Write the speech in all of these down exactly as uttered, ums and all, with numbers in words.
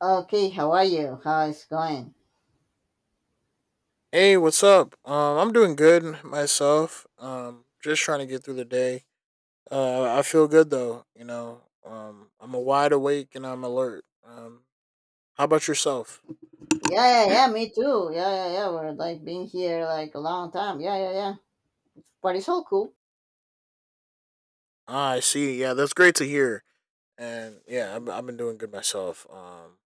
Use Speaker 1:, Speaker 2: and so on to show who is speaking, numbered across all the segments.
Speaker 1: Okay, how are you? How is going?
Speaker 2: Hey, what's up? Um, I'm doing good myself. Um, just trying to get through the day. Uh, I feel good though. You know, um, I'm a wide awake and I'm alert. Um, how about yourself?
Speaker 1: Yeah, yeah, yeah, me too. Yeah, yeah, yeah. We're like been here like a long time. Yeah, yeah, yeah. But it's all cool.
Speaker 2: Ah, I see. Yeah, that's great to hear. And yeah, I've, I've been doing good myself. Um,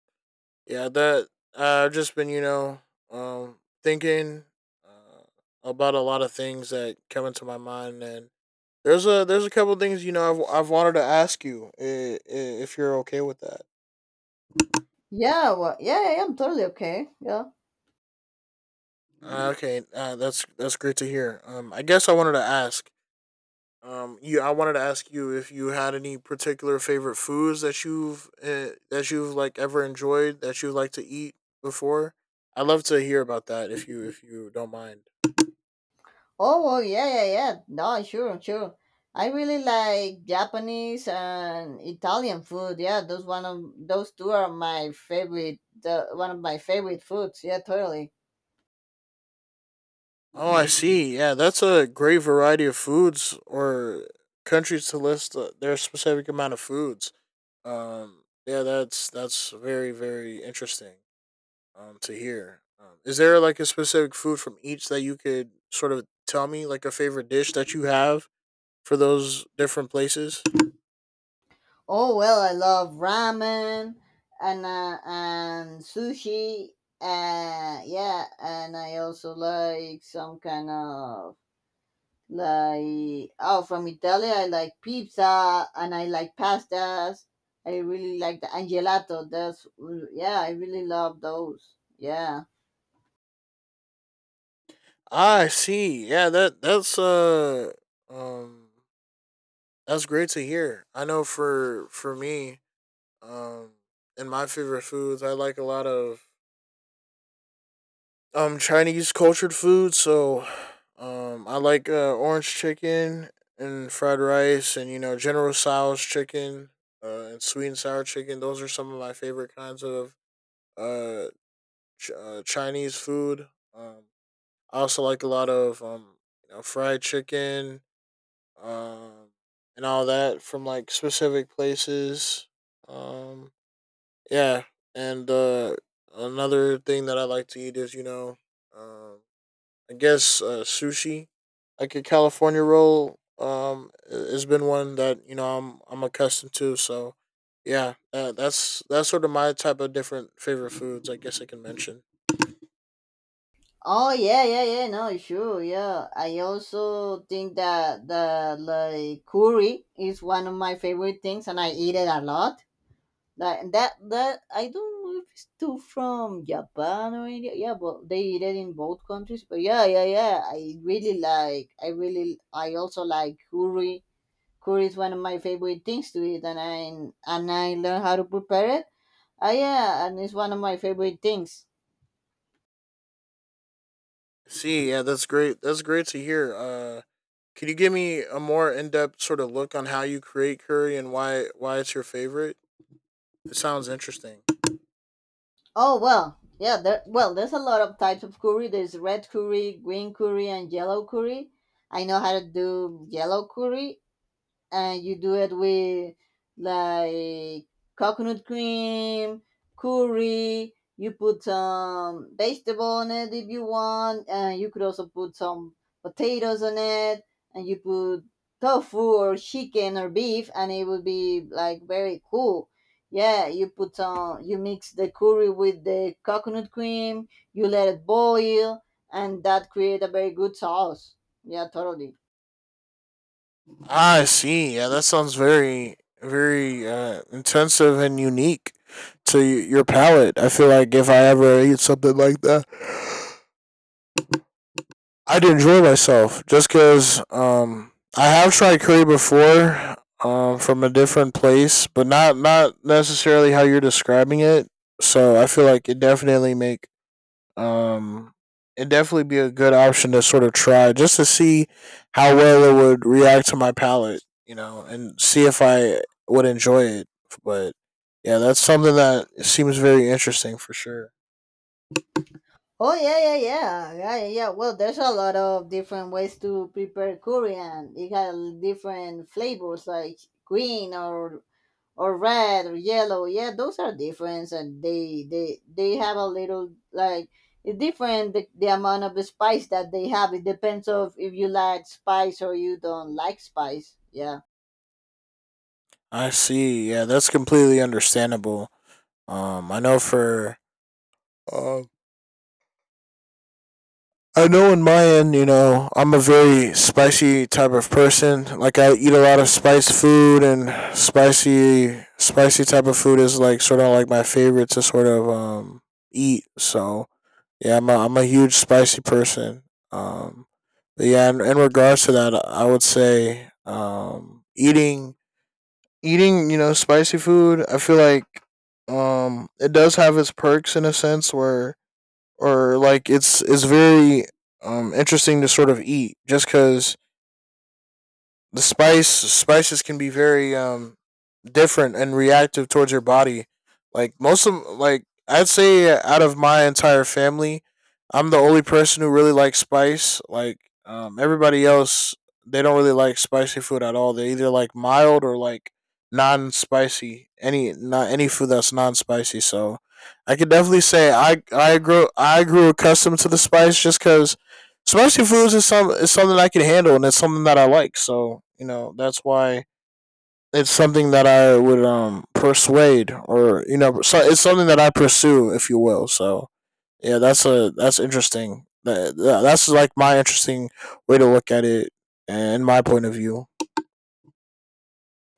Speaker 2: Yeah, that I've just been, you know, um, thinking uh, about a lot of things that come into my mind, and there's a there's a couple things you know I've I've wanted to ask you i- i- if you're okay with that.
Speaker 1: Yeah, well, yeah, yeah, yeah, I'm totally okay. Yeah.
Speaker 2: Uh, okay, uh, that's that's great to hear. Um, I guess I wanted to ask. Um, you, I wanted to ask you if you had any particular favorite foods that you've uh, that you've like ever enjoyed that you like to eat before. I'd love to hear about that if you if you don't mind.
Speaker 1: Oh, well, yeah, yeah, yeah. No, sure, sure. I really like Japanese and Italian food. Yeah, those one of those two are my favorite. Uh, one of my favorite foods. Yeah, totally.
Speaker 2: Oh, I see. Yeah, that's a great variety of foods or countries to list uh, their specific amount of foods. Um, yeah, that's that's very very interesting um to hear. Um, is there like a specific food from each that you could sort of tell me, like a favorite dish that you have for those different places?
Speaker 1: Oh well, I love ramen and uh, and sushi. Uh, yeah, and I also like some kind of like oh from Italy. I like pizza and I like pastas. I really like the and gelato. That's Yeah, I really love those. Yeah.
Speaker 2: I see. Yeah, that that's uh um that's great to hear. I know for for me, um, in my favorite foods, I like a lot of I'm trying to use cultured food, so um, I like uh, orange chicken and fried rice, and you know General Tso's chicken uh, and sweet and sour chicken. Those are some of my favorite kinds of uh, ch- uh Chinese food. Um, I also like a lot of um, you know fried chicken um, and all that from like specific places. Um, yeah, and uh, another thing that I like to eat is you know. Um, I guess uh, sushi, like a California roll, um, i- has been one that you know I'm I'm accustomed to. So, yeah, uh, that's that's sort of my type of different favorite foods. I guess I can mention.
Speaker 1: Oh yeah, yeah, yeah. No, sure. Yeah, I also think that the like curry is one of my favorite things, and I eat it a lot. Like and that that I don't know if it's too from Japan or India. Yeah, but they eat it in both countries. But yeah, yeah, yeah. I really like. I really. I also like curry. Curry is one of my favorite things to eat, and I and I learn how to prepare it. Ah, yeah, and it's one of my favorite things.
Speaker 2: See, yeah, that's great. That's great to hear. Uh, can you give me a more in depth sort of look on how you create curry and why why it's your favorite? It sounds interesting.
Speaker 1: Oh well, yeah. There, well, there's a lot of types of curry. There's red curry, green curry, and yellow curry. I know how to do yellow curry, and you do it with like coconut cream, curry. You put some vegetable on it if you want, and you could also put some potatoes on it, and you put tofu or chicken or beef, and it would be like very cool. Yeah, you put some, you mix the curry with the coconut cream, you let it boil, and that create a very good sauce. Yeah, totally.
Speaker 2: Ah, I see. Yeah, that sounds very, very uh, intensive and unique to y- your palate. I feel like if I ever eat something like that, I'd enjoy myself. Just because um, I have tried curry before um, from a different place, but not not necessarily how you're describing it. So I feel like it definitely makes um, it'd definitely be a good option to sort of try just to see how well it would react to my palate, you know, and see if I would enjoy it. But yeah, that's something that seems very interesting for sure.
Speaker 1: Oh yeah, yeah, yeah, yeah, yeah, yeah. Well, there's a lot of different ways to prepare Korean. It got different flavors like green or or red or yellow. Yeah, those are different, and they they they have a little like it's different the, the amount of the spice that they have. It depends of if you like spice or you don't like spice. Yeah.
Speaker 2: I see. Yeah, that's completely understandable. Um, I know for um, I know in my end, you know, I'm a very spicy type of person. Like I eat a lot of spiced food and spicy spicy type of food is like sort of like my favorite to sort of um eat. So, yeah, I'm a, I'm a huge spicy person. Um but yeah, in, in regards to that, I would say um eating eating, you know, spicy food, I feel like um it does have its perks in a sense where or like it's it's very um interesting to sort of eat just because the spice spices can be very um different and reactive towards your body. Like most of like I'd say out of my entire family, I'm the only person who really likes spice. Like um everybody else they don't really like spicy food at all. They either like mild or like non-spicy. Any not any food that's non-spicy. So I could definitely say I I grew I grew accustomed to the spice just cuz spicy foods is some is something I can handle, and it's something that I like. So you know that's why it's something that I would um persuade, or you know, so it's something that I pursue, if you will. So yeah, that's a that's interesting. That, that- that's like my interesting way to look at it and my point of view.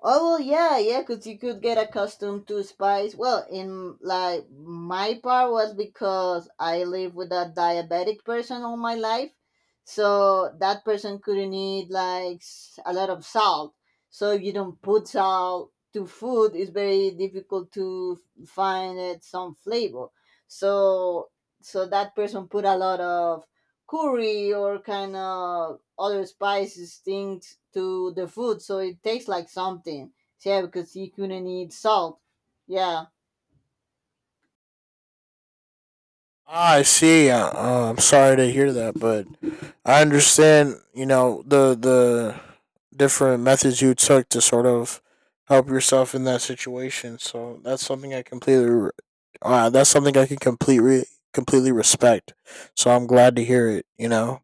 Speaker 1: Oh well, yeah, yeah, 'cause you could get accustomed to spice. Well, in like my part was because I live with a diabetic person all my life, so that person couldn't eat like s- a lot of salt. So if you don't put salt to food, it's very difficult to f- find it some flavor. So so that person put a lot of curry or kind of other spices things to the food, so it tastes like something. Yeah, because he couldn't eat salt. Yeah.
Speaker 2: Ah, I see. Uh, uh, I'm sorry to hear that, but I understand. You know the the different methods you took to sort of help yourself in that situation. So that's something I completely. re- Uh, that's something I can completely completely respect. So I'm glad to hear it. You know.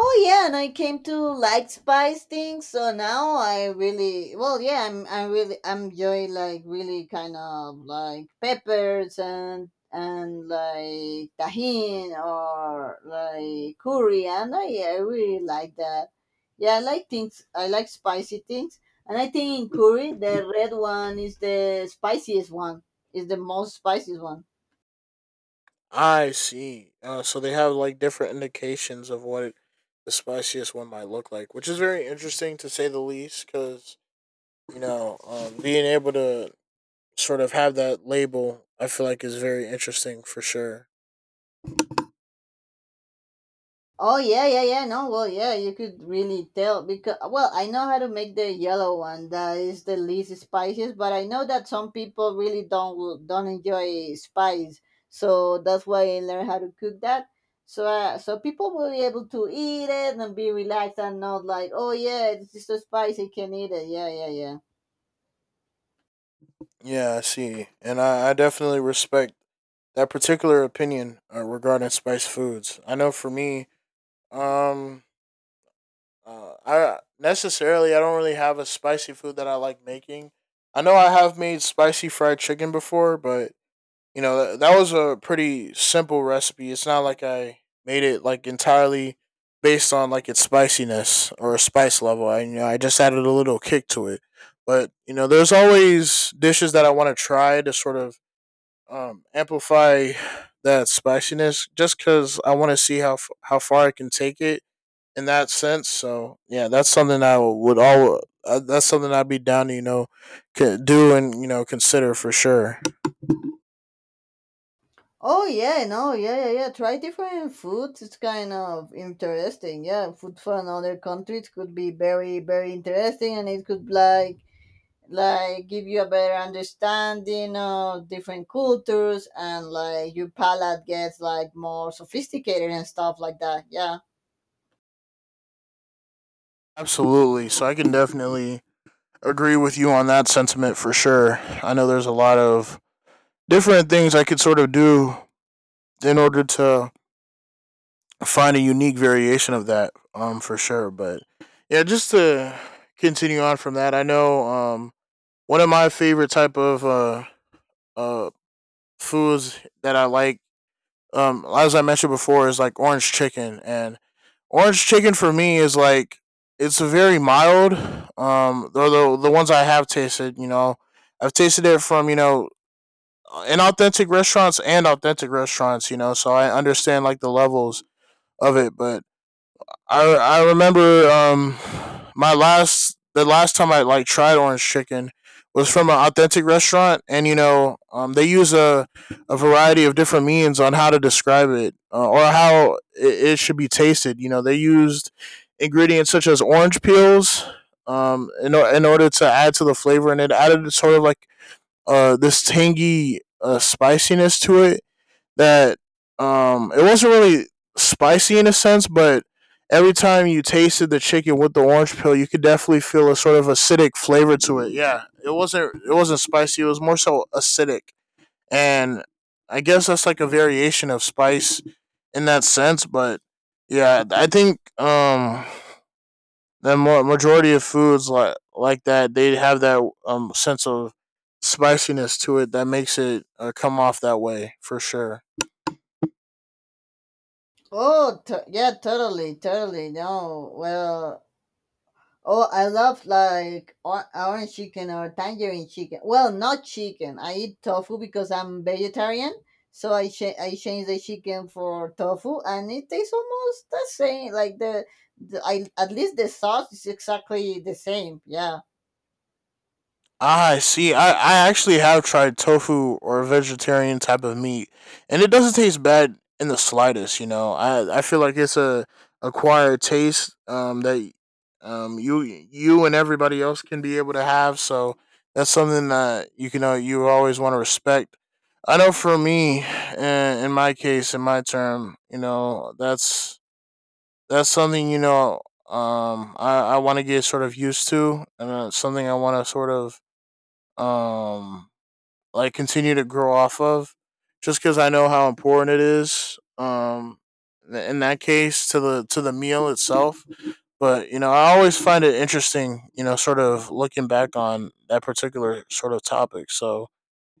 Speaker 1: Oh yeah, and I came to like spice things, so now I really well, yeah, I'm I really I'm enjoy like really kind of like peppers and and like tajin or like coriander. Yeah, I I really like that. Yeah, I like things. I like spicy things, and I think in curry the red one is the spiciest one. Is the most spiciest one.
Speaker 2: I see. Uh, so they have like different indications of what the spiciest one might look like, which is very interesting to say the least. Because you know, um, being able to sort of have that label, I feel like is very interesting for sure.
Speaker 1: Oh yeah, yeah, yeah. No, well, yeah, you could really tell because well, I know how to make the yellow one. That is the least spiciest, but I know that some people really don't will- don't enjoy spice, so that's why I learned how to cook that. So, uh, so people will be able to eat it and be relaxed and not like, oh yeah, it's just so spicy, can eat it. Yeah, yeah, yeah.
Speaker 2: Yeah, I see. And I, I definitely respect that particular opinion uh, regarding spiced foods. I know for me, um, uh, I necessarily I don't really have a spicy food that I like making. I know I have made spicy fried chicken before, but you know that, was a pretty simple recipe. It's not like I made it like entirely based on like its spiciness or spice level. I you know i just added a little kick to it. But you know there's always dishes that I want to try to sort of um, amplify that spiciness just because I want to see how f- how far I can take it in that sense. So yeah, that's something I would all uh, that's something I'd be down to you know c- do and you know consider for sure.
Speaker 1: Oh yeah, no, yeah, yeah, yeah. Try different foods. It's kind of interesting. Yeah, food from other countries could be very, very interesting, and it could like like give you a better understanding of different cultures, and like your palate gets like more sophisticated and stuff like that. Yeah.
Speaker 2: Absolutely. So I can definitely agree with you on that sentiment for sure. I know there's a lot of different things I could sort of do in order to find a unique variation of that, um, for sure. But yeah, just to continue on from that, I know um one of my favorite type of uh uh foods that I like um as I mentioned before is like orange chicken and orange chicken for me is like it's very mild. Um though the the ones I have tasted, you know, I've tasted it from, you know, inauthentic restaurants and authentic restaurants, you know, so I understand like the levels of it, but I I remember um my last the last time I like tried orange chicken was from an authentic restaurant, and you know um they use a a variety of different means on how to describe it uh, or how it, it should be tasted. You know they used ingredients such as orange peels um in o- in order to add to the flavor, and it added sort of like uh this tangy uh spiciness to it that um it wasn't really spicy in a sense, but every time you tasted the chicken with the orange peel, you could definitely feel a sort of acidic flavor to it. Yeah, it wasn't it wasn't spicy. It was more so acidic, and I guess that's like a variation of spice in that sense. But yeah, I think um the mo- majority of foods like like that they have that um sense of spiciness to it that makes it uh, come off that way for sure.
Speaker 1: Oh, t- yeah, totally, totally. No, well, oh, I love like or- orange chicken or tangerine chicken. Well, not chicken. I eat tofu because I'm vegetarian, so I cha- I change the chicken for tofu, and it tastes almost the same. Like the, the I at least the sauce is exactly the same. Yeah.
Speaker 2: Ah, see, I, I actually have tried tofu or vegetarian type of meat, and it doesn't taste bad in the slightest. You know, I I feel like it's a acquired taste um, that um, you you and everybody else can be able to have. So that's something that you can uh, you always want to respect. I know for me, in, in my case, in my term, you know, that's that's something you know um, I I want to get sort of used to, and uh, something I want to sort of um like continue to grow off of just because I know how important it is um in that case to the to the meal itself. But you know I always find it interesting you know sort of looking back on that particular sort of topic. So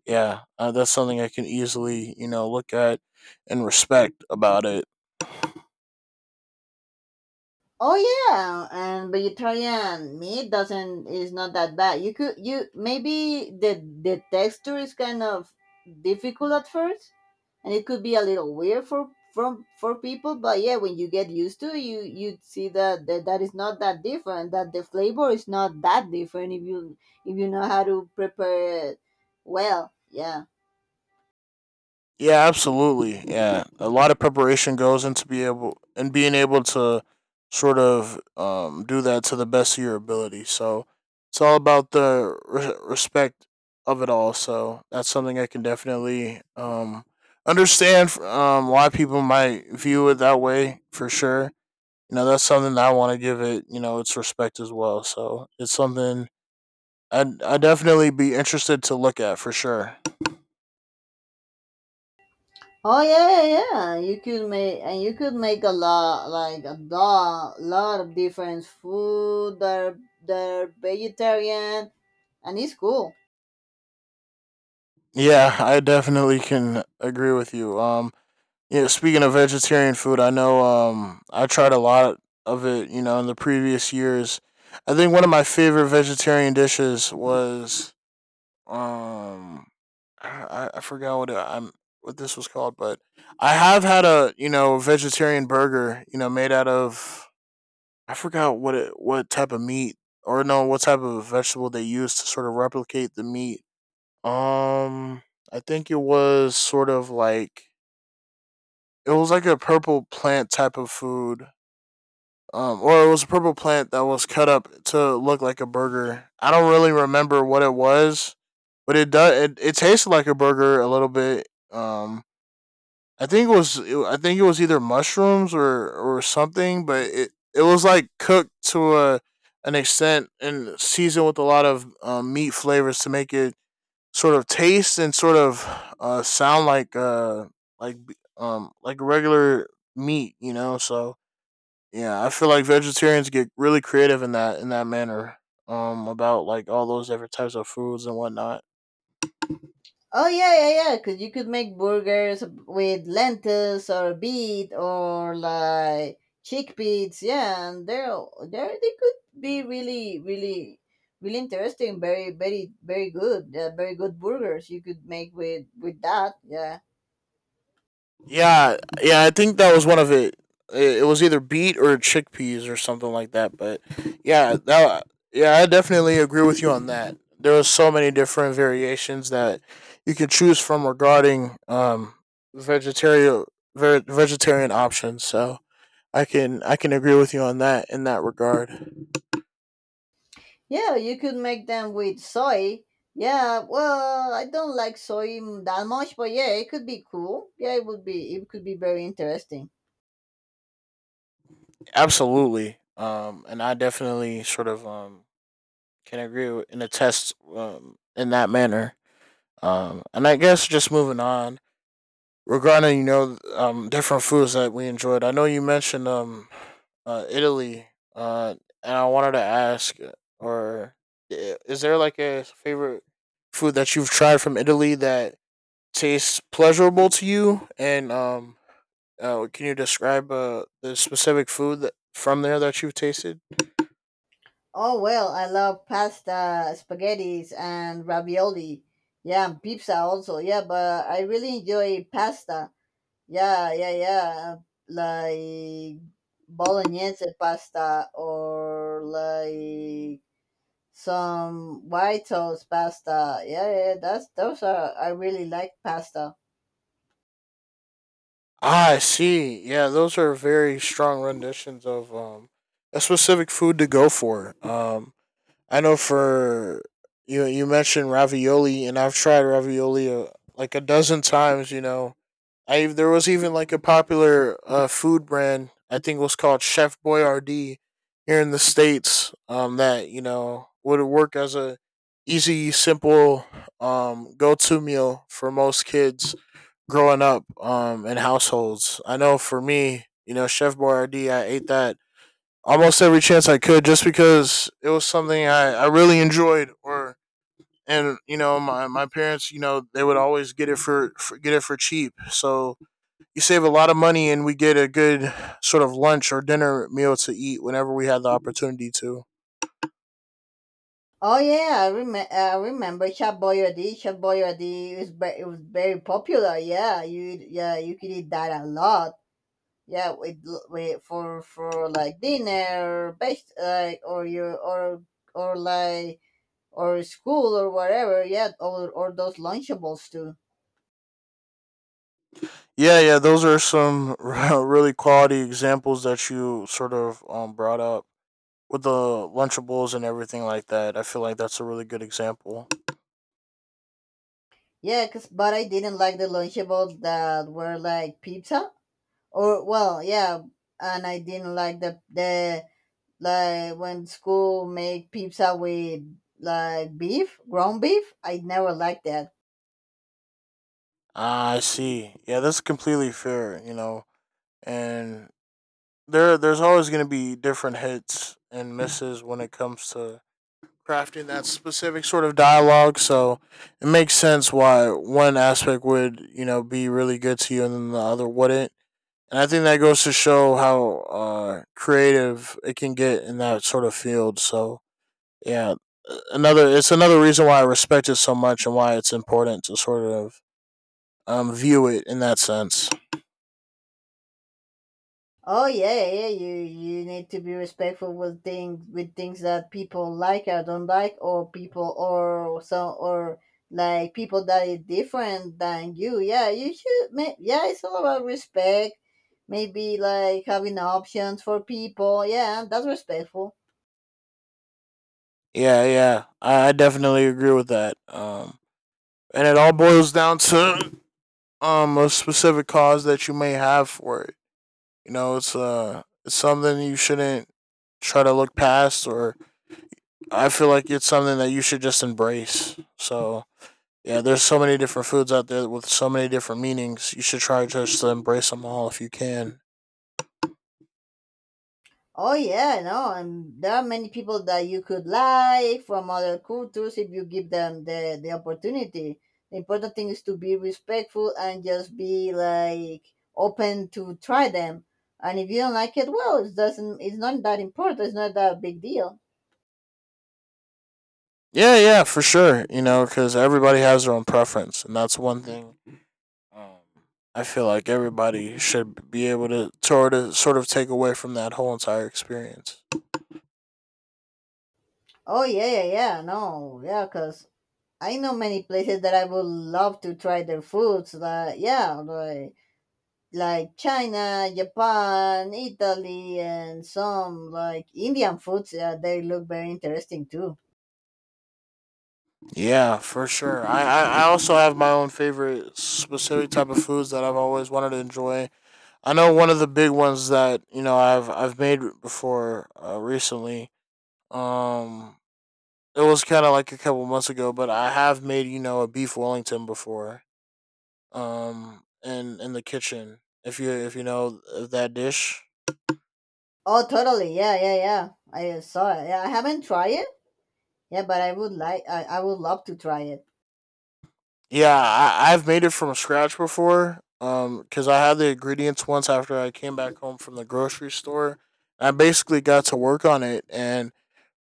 Speaker 2: yeah, uh, that's something I can easily you know look at and respect about it.
Speaker 1: Oh yeah, and vegetarian meat doesn't is not that bad. You could you maybe the the texture is kind of difficult at first, and it could be a little weird for from for people. But yeah, when you get used to it, you you see that, that that is not that different. That the flavor is not that different if you if you know how to prepare it well. Yeah.
Speaker 2: Yeah, absolutely. Yeah, a lot of preparation goes into be able and being able to sort of um, do that to the best of your ability. So it's all about the re- respect of it all. So that's something I can definitely um, understand f- um, why people might view it that way for sure. You know, that's something that I want to give it. you know, its respect as well. So it's something I I definitely be interested to look at for sure.
Speaker 1: Oh yeah, yeah, yeah. You could make and you could make a lot, like a lot, lot of different food. They're they're vegetarian, and it's cool.
Speaker 2: Yeah, I definitely can agree with you. Um, yeah, speaking of vegetarian food, I know um I tried a lot of it, you know, in the previous years. I think one of my favorite vegetarian dishes was um I, I forgot what it, I'm what this was called, but I have had a, you know, vegetarian burger, you know, made out of I forgot what it what type of meat or no, what type of vegetable they use to sort of replicate the meat um, I think it was sort of like it was like a purple plant type of food. Um, or it was a purple plant that was cut up to look like a burger. I don't really remember what it was, but it does. It, it tasted like a burger a little bit. Um, I think it was. it- I think it was either mushrooms or or something, but it it was like cooked to a an extent and seasoned with a lot of um, meat flavors to make it sort of taste and sort of uh, sound like uh like um like regular meat, you know. So yeah, I feel like vegetarians get really creative in that in that manner um about like all those different types of foods and whatnot.
Speaker 1: Oh yeah, yeah, yeah. Cause you could make burgers with lentils or beet or like chickpeas. Yeah, and they're they're they could be really, really, really interesting. Very, very, very good. Uh, very good burgers you could make with with that. Yeah.
Speaker 2: Yeah, yeah, I think that was one of it. It it was either beet or chickpeas or something like that. But yeah, that yeah, I definitely agree with you on that. There was so many different variations that you can choose from regarding um vegetarian ver- vegetarian options. So I can I can agree with you on that in that regard.
Speaker 1: Yeah, you could make them with soy. Yeah, well, I don't like soy m- that much, but yeah, it could be cool. Yeah, it would be. It could be very interesting.
Speaker 2: Absolutely. Um, and I definitely sort of um can agree with- and attest um in that manner. Um, and I guess just moving on regarding you know um different foods that we enjoyed. I know you mentioned um uh, Italy, uh, and I wanted to ask, uh, or i- is there like a favorite food that you've tried from Italy that tastes pleasurable to you? And um, uh, can you describe uh, the specific food that from there that you've tasted?
Speaker 1: Oh well, I love pasta, spaghettis, and ravioli. Yeah, and pizza also. Yeah, but I really enjoy pasta. Yeah, yeah, yeah. Like bolognese pasta or like some white sauce pasta. Yeah, yeah, that's those are I really like pasta.
Speaker 2: Ah, I see. Yeah, those are very strong renditions of um, a specific food to go for. Um, I know for you, you mentioned ravioli, and I've tried ravioli uh, like a dozen times. You know, I there was even like a popular uh, food brand I think was called Chef Boyardee here in the states. Um, that you know would work as a easy, simple um go to meal for most kids growing up um in households. I know for me, you know, Chef Boyardee, I ate that almost every chance I could just because it was something I, I really enjoyed or and you know my, my parents you know they would always get it for, for get it for cheap so you save a lot of money and we get a good sort of lunch or dinner meal to eat whenever we had the opportunity to
Speaker 1: Oh yeah, I remember. I remember Chef Boyardee. Chef Boyardee is ve- it was very popular. Yeah, you yeah you could eat that a lot. Yeah, with, with for for like dinner, or best like or your or or like or school or whatever. Yeah, or or those lunchables too.
Speaker 2: yeah yeah those are some really quality examples that you sort of um, brought up with the Lunchables and everything like that. I feel like that's a really good example.
Speaker 1: Yeah, cause but I didn't like the lunchables that were like pizza. Or well, yeah, and I didn't like the the like when school make pizza with like beef, ground beef. I never liked that.
Speaker 2: Ah, I see. Yeah, that's completely fair, you know. And there there's always going to be different hits and misses when it comes to crafting that specific sort of dialogue, so it makes sense why one aspect would, you know, be really good to you and then the other wouldn't. And I think that goes to show how uh, creative it can get in that sort of field. So, yeah, another it's another reason why I respect it so much and why it's important to sort of um view it in that sense.
Speaker 1: Oh yeah, yeah. You you need to be respectful with things with things that people like or don't like, or people or so or like people that is different than you. Yeah, you should. ma- Yeah, it's all about respect. Maybe like having options for people. Yeah, that's respectful.
Speaker 2: Yeah, yeah, I, I definitely agree with that. Um, and it all boils down to um a specific cause that you may have for it. You know, it's uh it's something you shouldn't try to look past or I feel like it's something that you should just embrace. So, yeah, there's so many different foods out there with so many different meanings. You should try just to embrace them all if you can.
Speaker 1: Oh yeah, no, and there are many people that you could like from other cultures if you give them the, the opportunity. The important thing is to be respectful and just be like open to try them. And if you don't like it, well, it doesn't. It's not that important. It's not that big deal.
Speaker 2: Yeah, yeah, for sure. You know, because everybody has their own preference, and that's one thing. Um, I feel like everybody should be able to sort of sort of take away from that whole entire experience.
Speaker 1: Oh yeah, yeah, yeah. No, yeah, cause I know many places that I would love to try their foods. That yeah, like like China, Japan, Italy, and some like Indian foods. Yeah, they look very interesting too.
Speaker 2: Yeah, for sure. I, I, I also have my own favorite specific type of foods that I've always wanted to enjoy. I know one of the big ones that you know I've I've made before uh, recently. Um, it was kind of like a couple months ago, but I have made you know a beef Wellington before. Um, in in the kitchen, if you if you know uh, that dish,
Speaker 1: Oh, totally. Yeah, yeah, yeah. I saw it. Yeah, I haven't tried it. Yeah, but I would like. I, I would love to try it.
Speaker 2: yeah, I, I've made it from scratch before. Um, because I had the ingredients once after I came back home from the grocery store. I basically got to work on it, and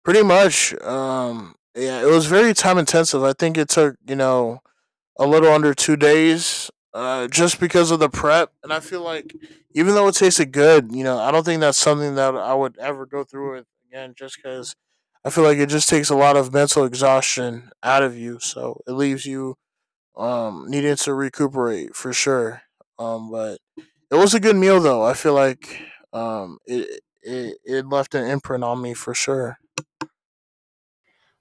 Speaker 2: pretty much, um, yeah, it was very time intensive. I think it took you know a little under two days, uh, just because of the prep. And I feel like even though it tasted good, you know, I don't think that's something that I would ever go through with again, just because I feel like it just takes a lot of mental exhaustion out of you. So it leaves you um, needed to recuperate for sure. Um, but it was a good meal though. I feel like um it it it left an imprint on me for sure.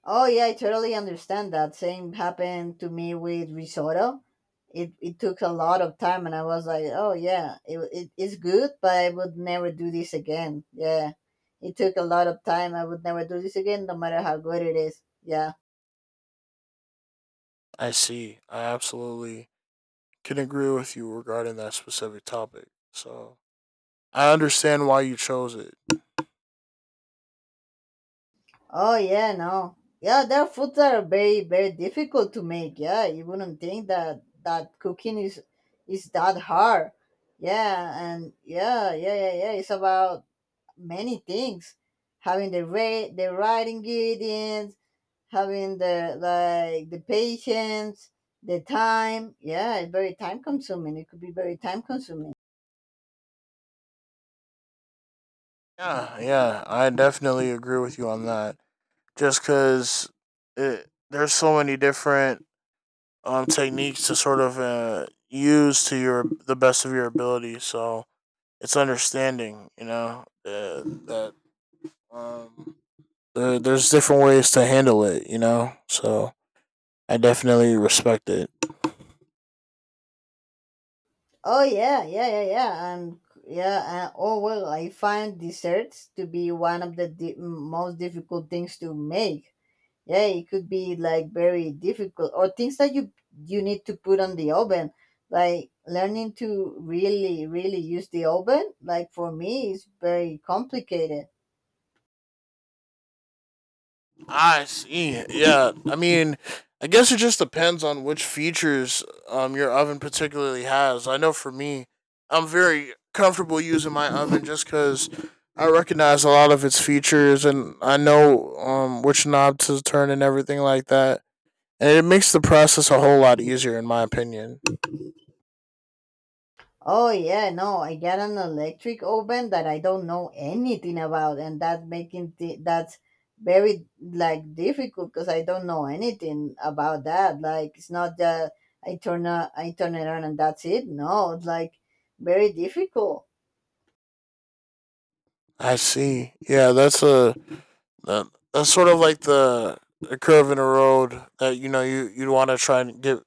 Speaker 1: Oh yeah, I totally understand that. Same happened to me with risotto. It it took a lot of time, and I was like, oh yeah, it it is good, but I would never do this again. Yeah, it took a lot of time. I would never do this again, no matter how good it is. Yeah.
Speaker 2: I see. I absolutely can agree with you regarding that specific topic. So I understand why you chose it.
Speaker 1: Oh yeah, no. Yeah, their foods are very very difficult to make. Yeah, you wouldn't think that that cooking is is that hard. Yeah, and yeah, yeah, yeah, yeah. It's about many things, having the right the right ingredients, having the like the patience, the time. Yeah, it's very time consuming. It could be very time consuming.
Speaker 2: Yeah, yeah, I definitely agree with you on that. Just because it there's so many different um techniques to sort of uh, use to your the best of your ability. So it's understanding, you know, uh, that um, uh, there's different ways to handle it, you know. So I definitely respect it.
Speaker 1: Oh yeah, yeah, yeah, yeah, and yeah. Uh, oh well, I find desserts to be one of the di- most difficult things to make. Yeah, it could be like very difficult, or things that you you need to put on the oven. Like learning to really, really use the oven. Like for me, is very complicated.
Speaker 2: I see. Yeah. I mean, I guess it just depends on which features um your oven particularly has. I know for me, I'm very comfortable using my oven just because I recognize a lot of its features and I know um which knob to turn and everything like that. And it makes the process a whole lot easier in my opinion.
Speaker 1: Oh yeah, no, I got an electric oven that I don't know anything about, and that making th- that's very like difficult because I don't know anything about that. Like it's not that I turn a, I turn it on and that's it. No, it's like very difficult.
Speaker 2: I see. Yeah, that's a That, that's sort of like the a curve in a road that you know you you'd want to try and get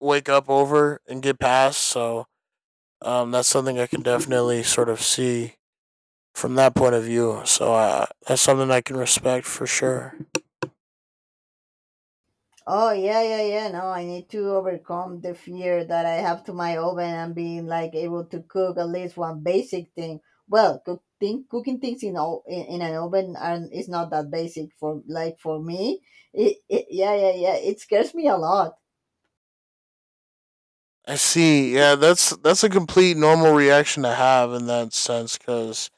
Speaker 2: wake up over and get past. So um, that's something I can definitely sort of see from that point of view. So uh, that's something I can respect for sure.
Speaker 1: Oh yeah, yeah, yeah. No, I need to overcome the fear that I have to my oven and being like able to cook at least one basic thing. Well, cook thing, cooking things in all in, in an oven and it's not that basic for like for me. It, it Yeah, yeah, yeah. It scares me a lot.
Speaker 2: I see. Yeah, that's that's a complete normal reaction to have in that sense because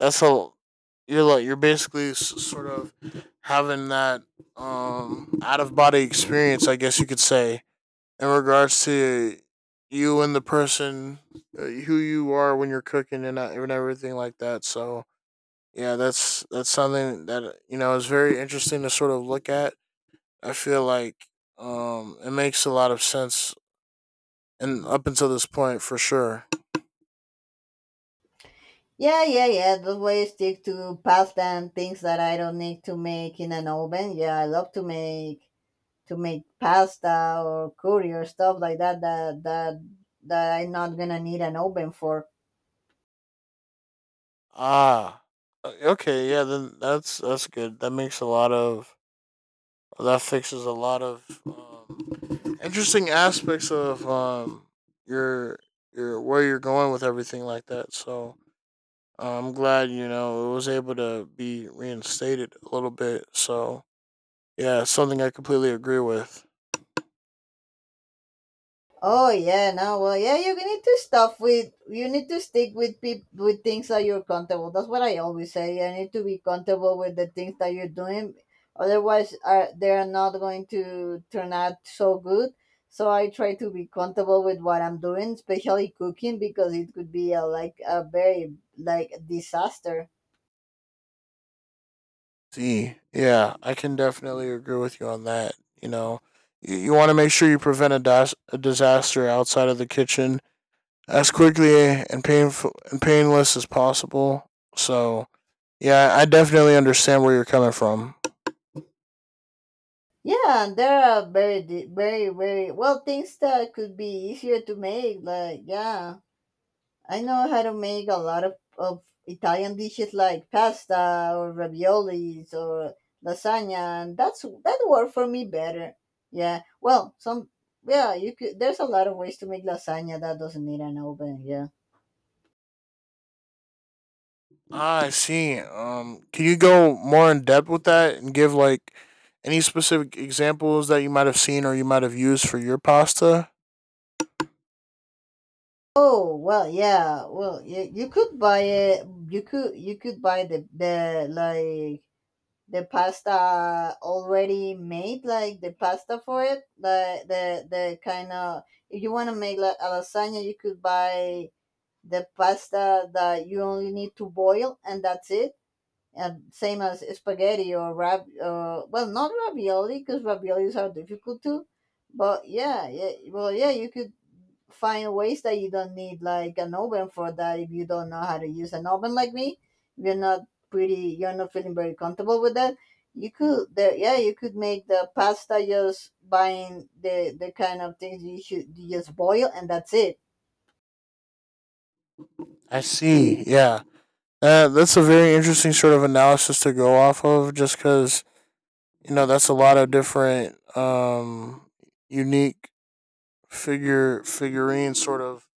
Speaker 2: that's a you're like you're basically s- sort of having that um out of body experience, I guess you could say, in regards to you and the person uh, who you are when you're cooking and uh, and everything like that. So yeah, that's that's something that uh, you know is very interesting to sort of look at. I feel like um it makes a lot of sense and up until this point for sure.
Speaker 1: Yeah, yeah, yeah. That's why stick to pasta and things that I don't need to make in an oven. Yeah, I love to make to make pasta or curry or stuff like that that that that I'm not gonna need an oven for.
Speaker 2: Ah, uh, okay, yeah, then that's that's good. That makes a lot of Well, that fixes a lot of um, interesting aspects of um, your your where you're going with everything like that. So uh, I'm glad you know it was able to be reinstated a little bit. So yeah, it's something I completely agree with.
Speaker 1: Oh yeah, no, well, yeah, you need to stop with. You need to stick with peop with things that you're comfortable. That's what I always say. You need to be comfortable with the things that you're doing. Otherwise, are they are not going to turn out so good. So I try to be comfortable with what I'm doing, especially cooking, because it could be a, like a very like disaster.
Speaker 2: See, yeah, I can definitely agree with you on that. You know, you, you want to make sure you prevent a, dis- a disaster outside of the kitchen as quickly and painful and painless as possible. So yeah, I definitely understand where you're coming from.
Speaker 1: Yeah, and there are very di- very very well things that could be easier to make. Like, yeah. I know how to make a lot of, of Italian dishes like pasta or raviolis or lasagna, and that's that worked for me better. Yeah, well, some yeah, you could. There's a lot of ways to make lasagna that doesn't need an oven. Yeah.
Speaker 2: Ah, I see. Um, can you go more in depth with that and give like any specific examples that you might have seen or you might have used for your pasta?
Speaker 1: Oh, well, yeah. Well, you, you could buy it. You could you could buy the the like the pasta already made, like the pasta for it, the the the kind of. If you want to make like a lasagna, you could buy the pasta that you only need to boil, and that's it. And same as spaghetti or rab uh, well, not ravioli, because raviolis are difficult too. But yeah, yeah, well, yeah, you could find ways that you don't need like an oven for that, if you don't know how to use an oven like me, if you're not pretty you're not feeling very comfortable with that. You could there yeah you could make the pasta just buying the the kind of things you should you just boil, and that's it.
Speaker 2: I see. Yeah, uh, that's a very interesting sort of analysis to go off of, just because you know that's a lot of different um unique figure figurine sort of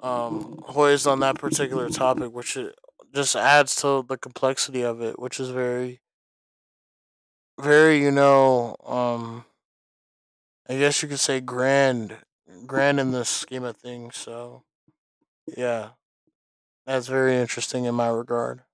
Speaker 2: um, poised on that particular topic, which it just adds to the complexity of it, which is very very you know um, I guess you could say grand grand in the scheme of things. So yeah, that's very interesting in my regard.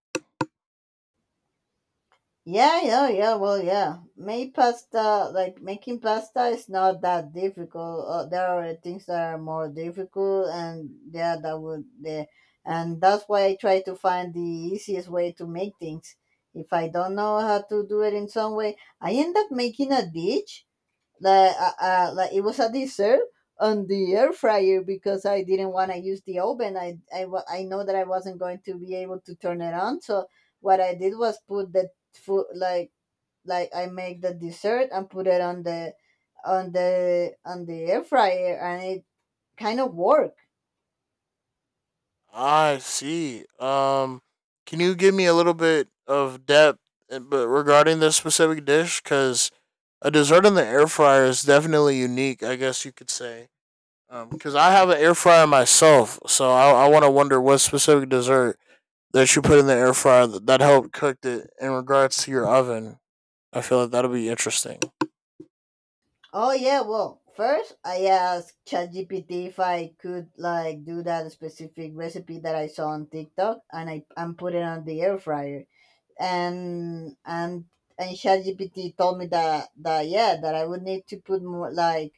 Speaker 1: Yeah, yeah, yeah. Well, yeah. Make pasta, like making pasta is not that difficult. Uh, there are things that are more difficult, and yeah, that would, the and that's why I try to find the easiest way to make things. If I don't know how to do it in some way, I end up making a dish like, uh, uh, like it was a dessert on the air fryer, because I didn't want to use the oven. I, I, wa- I know that I wasn't going to be able to turn it on. So what I did was put the food like like I make the dessert, and put it on the on the on the air fryer, and it kind of worked.
Speaker 2: I see. Um, can you give me a little bit of depth, uh, but regarding this specific dish, because a dessert in the air fryer is definitely unique. I guess you could say. Because um, I have an air fryer myself, so I, I want to wonder what specific dessert that you put in the air fryer that, that helped cooked it in regards to your oven. I feel like that'll be interesting.
Speaker 1: Oh, yeah. Well, first I asked ChatGPT if I could like do that specific recipe that I saw on TikTok, and I and put it on the air fryer, and and and ChatGPT told me that that yeah that I would need to put more like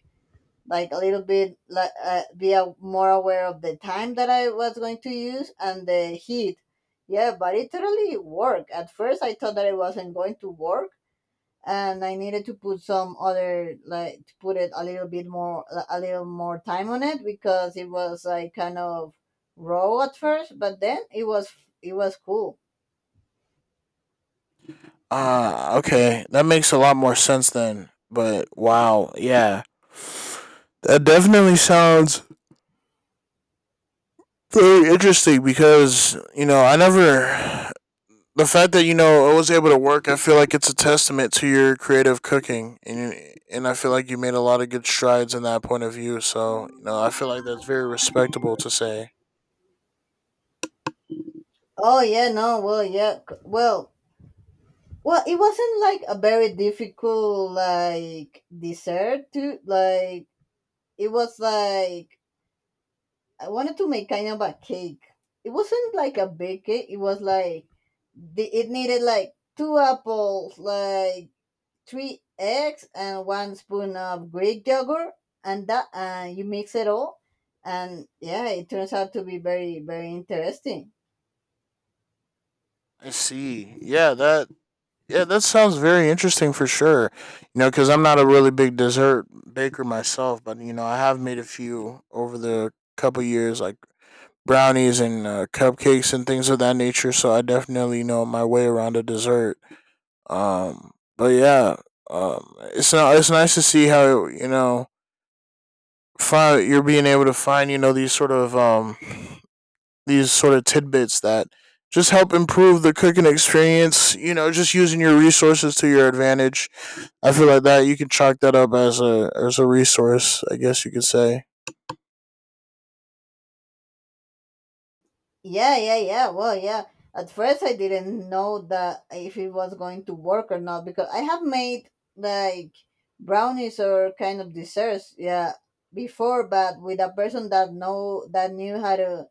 Speaker 1: like a little bit like, uh, be a, more aware of the time that I was going to use, and the heat. Yeah, but it totally worked. At first, I thought that it wasn't going to work, and I needed to put some other like to put it a little bit more a little more time on it, because it was like kind of raw at first. But then it was, it was cool.
Speaker 2: Ah, uh, okay. That makes a lot more sense then. But wow, yeah. That definitely sounds very interesting because, you know, I never the fact that you know I was able to work. I feel like it's a testament to your creative cooking and you- and I feel like you made a lot of good strides in that point of view. So, you know, I feel like that's very respectable to say.
Speaker 1: Oh, yeah. No. Well, yeah. C- well, well, it wasn't like a very difficult like dessert to, like, it was like, I wanted to make kind of a cake. It wasn't like a big cake. It was like, the, it needed like two apples, like three eggs, and one spoon of Greek yogurt, and that, and you mix it all, and yeah, it turns out to be very, very interesting.
Speaker 2: I see. Yeah, that Yeah, that sounds very interesting for sure. You know, because I'm not a really big dessert baker myself, but you know, I have made a few over the couple years, like brownies and uh, cupcakes and things of that nature. So I definitely know my way around a dessert. Um, but yeah, um, it's not. It's nice to see how you know find, you're being able to find you know these sort of um these sort of tidbits that just help improve the cooking experience. You know, just using your resources to your advantage. I feel like that you can chalk that up as a as a resource, I guess you could say.
Speaker 1: Yeah, yeah, yeah. Well, yeah. At first, I didn't know that if it was going to work or not, because I have made like brownies or kind of desserts, yeah, before, but with a person that know that knew how to,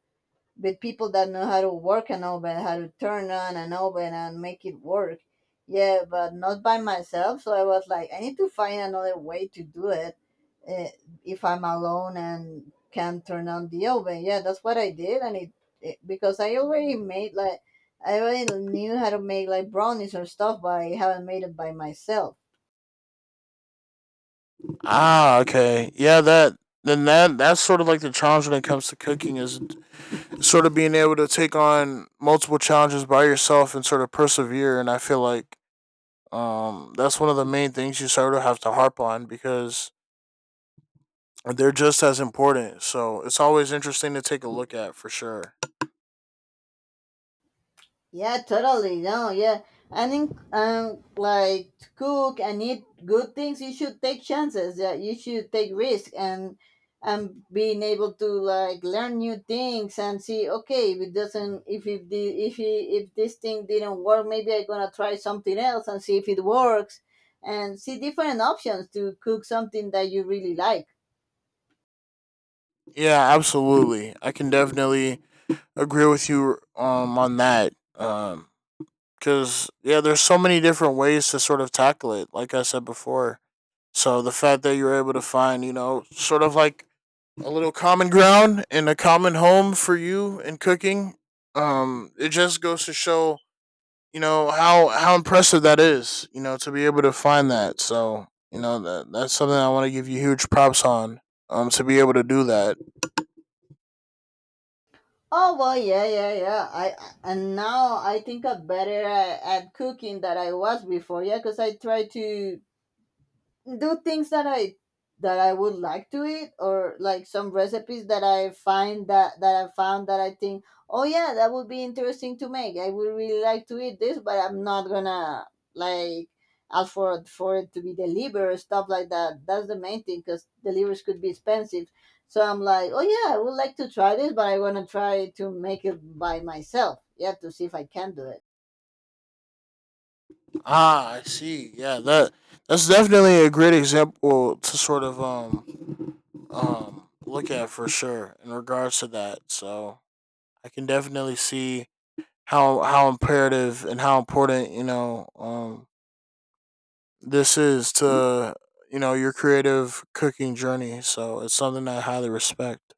Speaker 1: with people that know how to work an oven, how to turn on an oven and make it work. Yeah, but not by myself. So I was like, I need to find another way to do it, uh, if I'm alone and can not turn on the oven. Yeah, that's what I did, and it, it because I already made like I already knew how to make like brownies or stuff, but I haven't made it by myself.
Speaker 2: Ah, okay. Yeah, that then that that's sort of like the challenge when it comes to cooking is sort of being able to take on multiple challenges by yourself and sort of persevere, and I feel like um that's one of the main things you sort of have to harp on, because they're just as important. So it's always interesting to take a look at for sure.
Speaker 1: Yeah, totally. No, yeah. I think um like to cook and eat good things, you should take chances. Yeah, you should take risk, and and being able to like learn new things and see, okay, if it doesn't if if the if it, if this thing didn't work, maybe I'm gonna try something else and see if it works, and see different options to cook something that you really like.
Speaker 2: Yeah, absolutely. I can definitely agree with you um on that. Um because yeah, there's so many different ways to sort of tackle it. Like I said before, so the fact that you're able to find, you know, sort of like a little common ground and a common home for you in cooking, um, it just goes to show, you know, how how impressive that is. You know, to be able to find that. So you know that that's something I want to give you huge props on. Um, to be able to do that.
Speaker 1: Oh, well, yeah, yeah, yeah. I I- and now I think I'm better at, at cooking than I was before. Yeah, because I try to do things that I that I would like to eat, or like some recipes that I find that that I found, that I think, oh yeah, that would be interesting to make, I would really like to eat this, but I'm not gonna like ask for it- for it to be delivered or stuff like that. That's the main thing, because deliveries could be expensive. So I'm like, oh yeah, I would like to try this, but I want to try to make it by myself, yeah, to see if I can do it.
Speaker 2: Ah, I see. Yeah, that that's definitely a great example to sort of um um look at for sure in regards to that. So I can definitely see how how imperative and how important you know um this is to you know your creative cooking journey. So it's something I highly respect.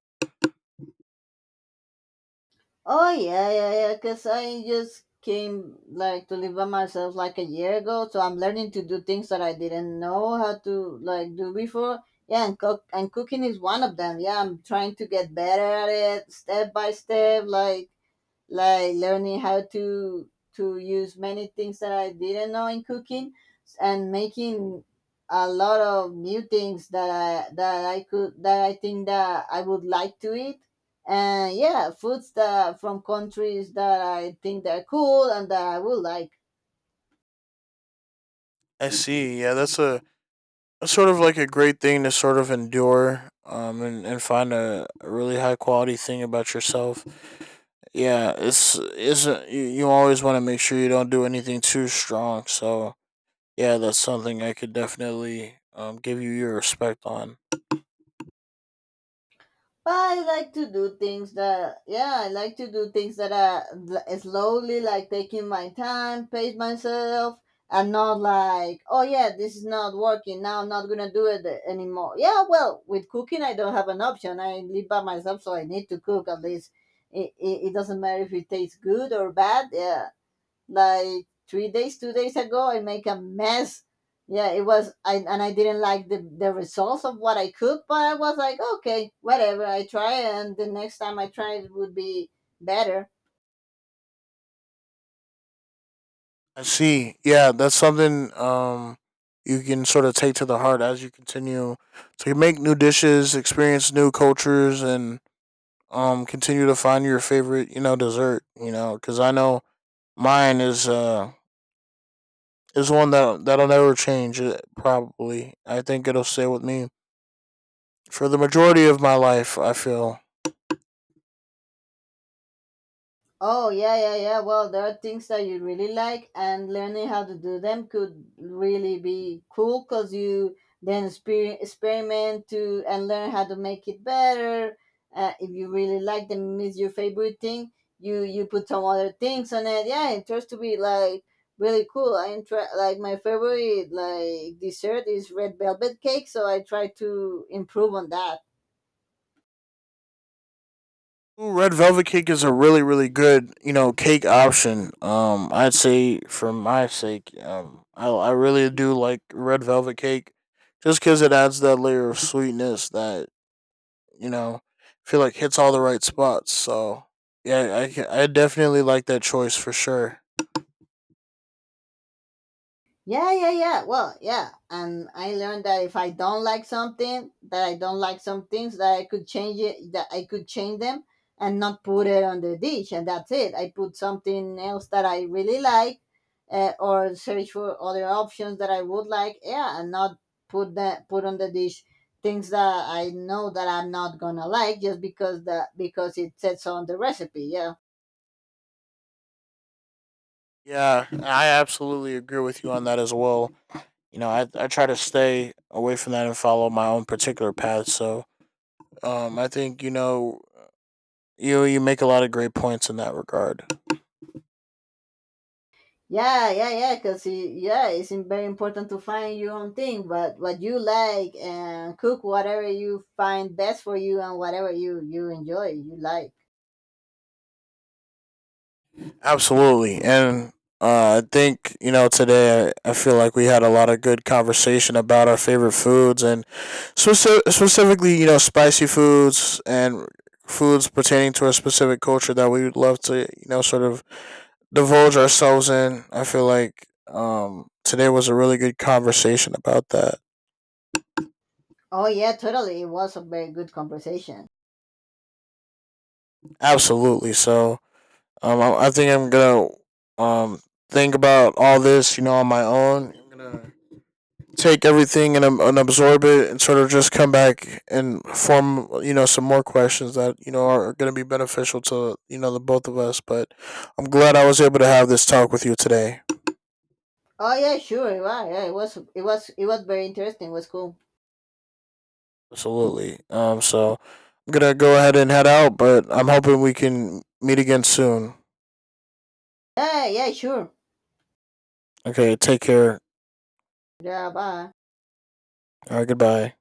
Speaker 1: Oh, yeah, yeah, yeah. Cause I just came like to live by myself like a year ago, so I'm learning to do things that I didn't know how to like do before. Yeah, and cook, and cooking is one of them. Yeah, I'm trying to get better at it, step by step. Like like learning how to to use many things that I didn't know in cooking, and making a lot of new things that I that I could that I think that I would like to eat, and yeah, foods that from countries that I think they're cool, and that I would like.
Speaker 2: I see. Yeah, that's a that's sort of like a great thing to sort of endure um and, and find a, a really high quality thing about yourself. Yeah, it's isn't you, you always want to make sure you don't do anything too strong. So yeah, that's something I could definitely um, give you your respect on.
Speaker 1: Well, I like to do things that, yeah, I like to do things that are l- slowly, like taking my time, pace myself, and not like, oh yeah, this is not working, now I'm not gonna do it anymore. Yeah, well, with cooking, I don't have an option. I live by myself, so I need to cook at least. It, it, it doesn't matter if it tastes good or bad. Yeah, like three days two days ago, I make a mess. Yeah, it was, I, and I didn't like the, the results of what I cooked, but I was like, okay, whatever, I try, and the next time I try it would be better.
Speaker 2: I see. Yeah, that's something um, you can sort of take to the heart as you continue to make new dishes, experience new cultures, and um, continue to find your favorite, you know, dessert. You know, because I know mine is uh is one that that'll never change. uh, Probably, I think it'll stay with me for the majority of my life. I feel.
Speaker 1: Oh, yeah, yeah, yeah. Well, there are things that you really like, and learning how to do them could really be cool, because you then exper- experiment to and learn how to make it better. Uh, if you really like them, is your favorite thing, You you put some other things on it. Yeah, it tries to be like really cool. I try, like, my favorite like dessert is red velvet cake, so I try to improve on that.
Speaker 2: Red velvet cake is a really, really good, you know, cake option. Um, I'd say for my sake, um, I I really do like red velvet cake, just because it adds that layer of sweetness that you know, I feel like hits all the right spots. So yeah, I ca- I definitely like that choice for sure.
Speaker 1: Yeah, yeah, yeah. Well, yeah. And I learned that if I don't like something, that I don't like some things, that I could change it, that I could change them, and not put it on the dish. And that's it. I put something else that I really like, uh, or search for other options that I would like. Yeah. And not put that, put on the dish things that I know that I'm not going to like, just because that, because it said so on the recipe. Yeah.
Speaker 2: Yeah, I absolutely agree with you on that as well. You know, I I try to stay away from that and follow my own particular path. So um, I think you know you you make a lot of great points in that regard.
Speaker 1: Yeah, yeah, yeah, because, yeah, it's im- very important to find your own thing, but what you like, and cook whatever you find best for you, and whatever you you enjoy, you like.
Speaker 2: Absolutely, and uh, I think you know today I, I feel like we had a lot of good conversation about our favorite foods and speci- specifically you know spicy foods and foods pertaining to a specific culture that we would love to you know sort of divulge ourselves in. I feel like um, today was a really good conversation about that.
Speaker 1: Oh, yeah, totally. It was a very good conversation.
Speaker 2: Absolutely, so Um, I, I think I'm gonna um think about all this, you know, on my own. I'm gonna take everything and, um, and absorb it, and sort of just come back and form, you know, some more questions that you know are gonna be beneficial to you know the both of us. But I'm glad I was able to have this talk with you today.
Speaker 1: Oh, yeah, sure. Yeah, yeah, it was, it was it was very interesting. It was cool.
Speaker 2: Absolutely. Um, so I'm gonna go ahead and head out, but I'm hoping we can meet again soon.
Speaker 1: Yeah, yeah, sure.
Speaker 2: Okay, take care.
Speaker 1: Yeah, bye.
Speaker 2: All right, goodbye.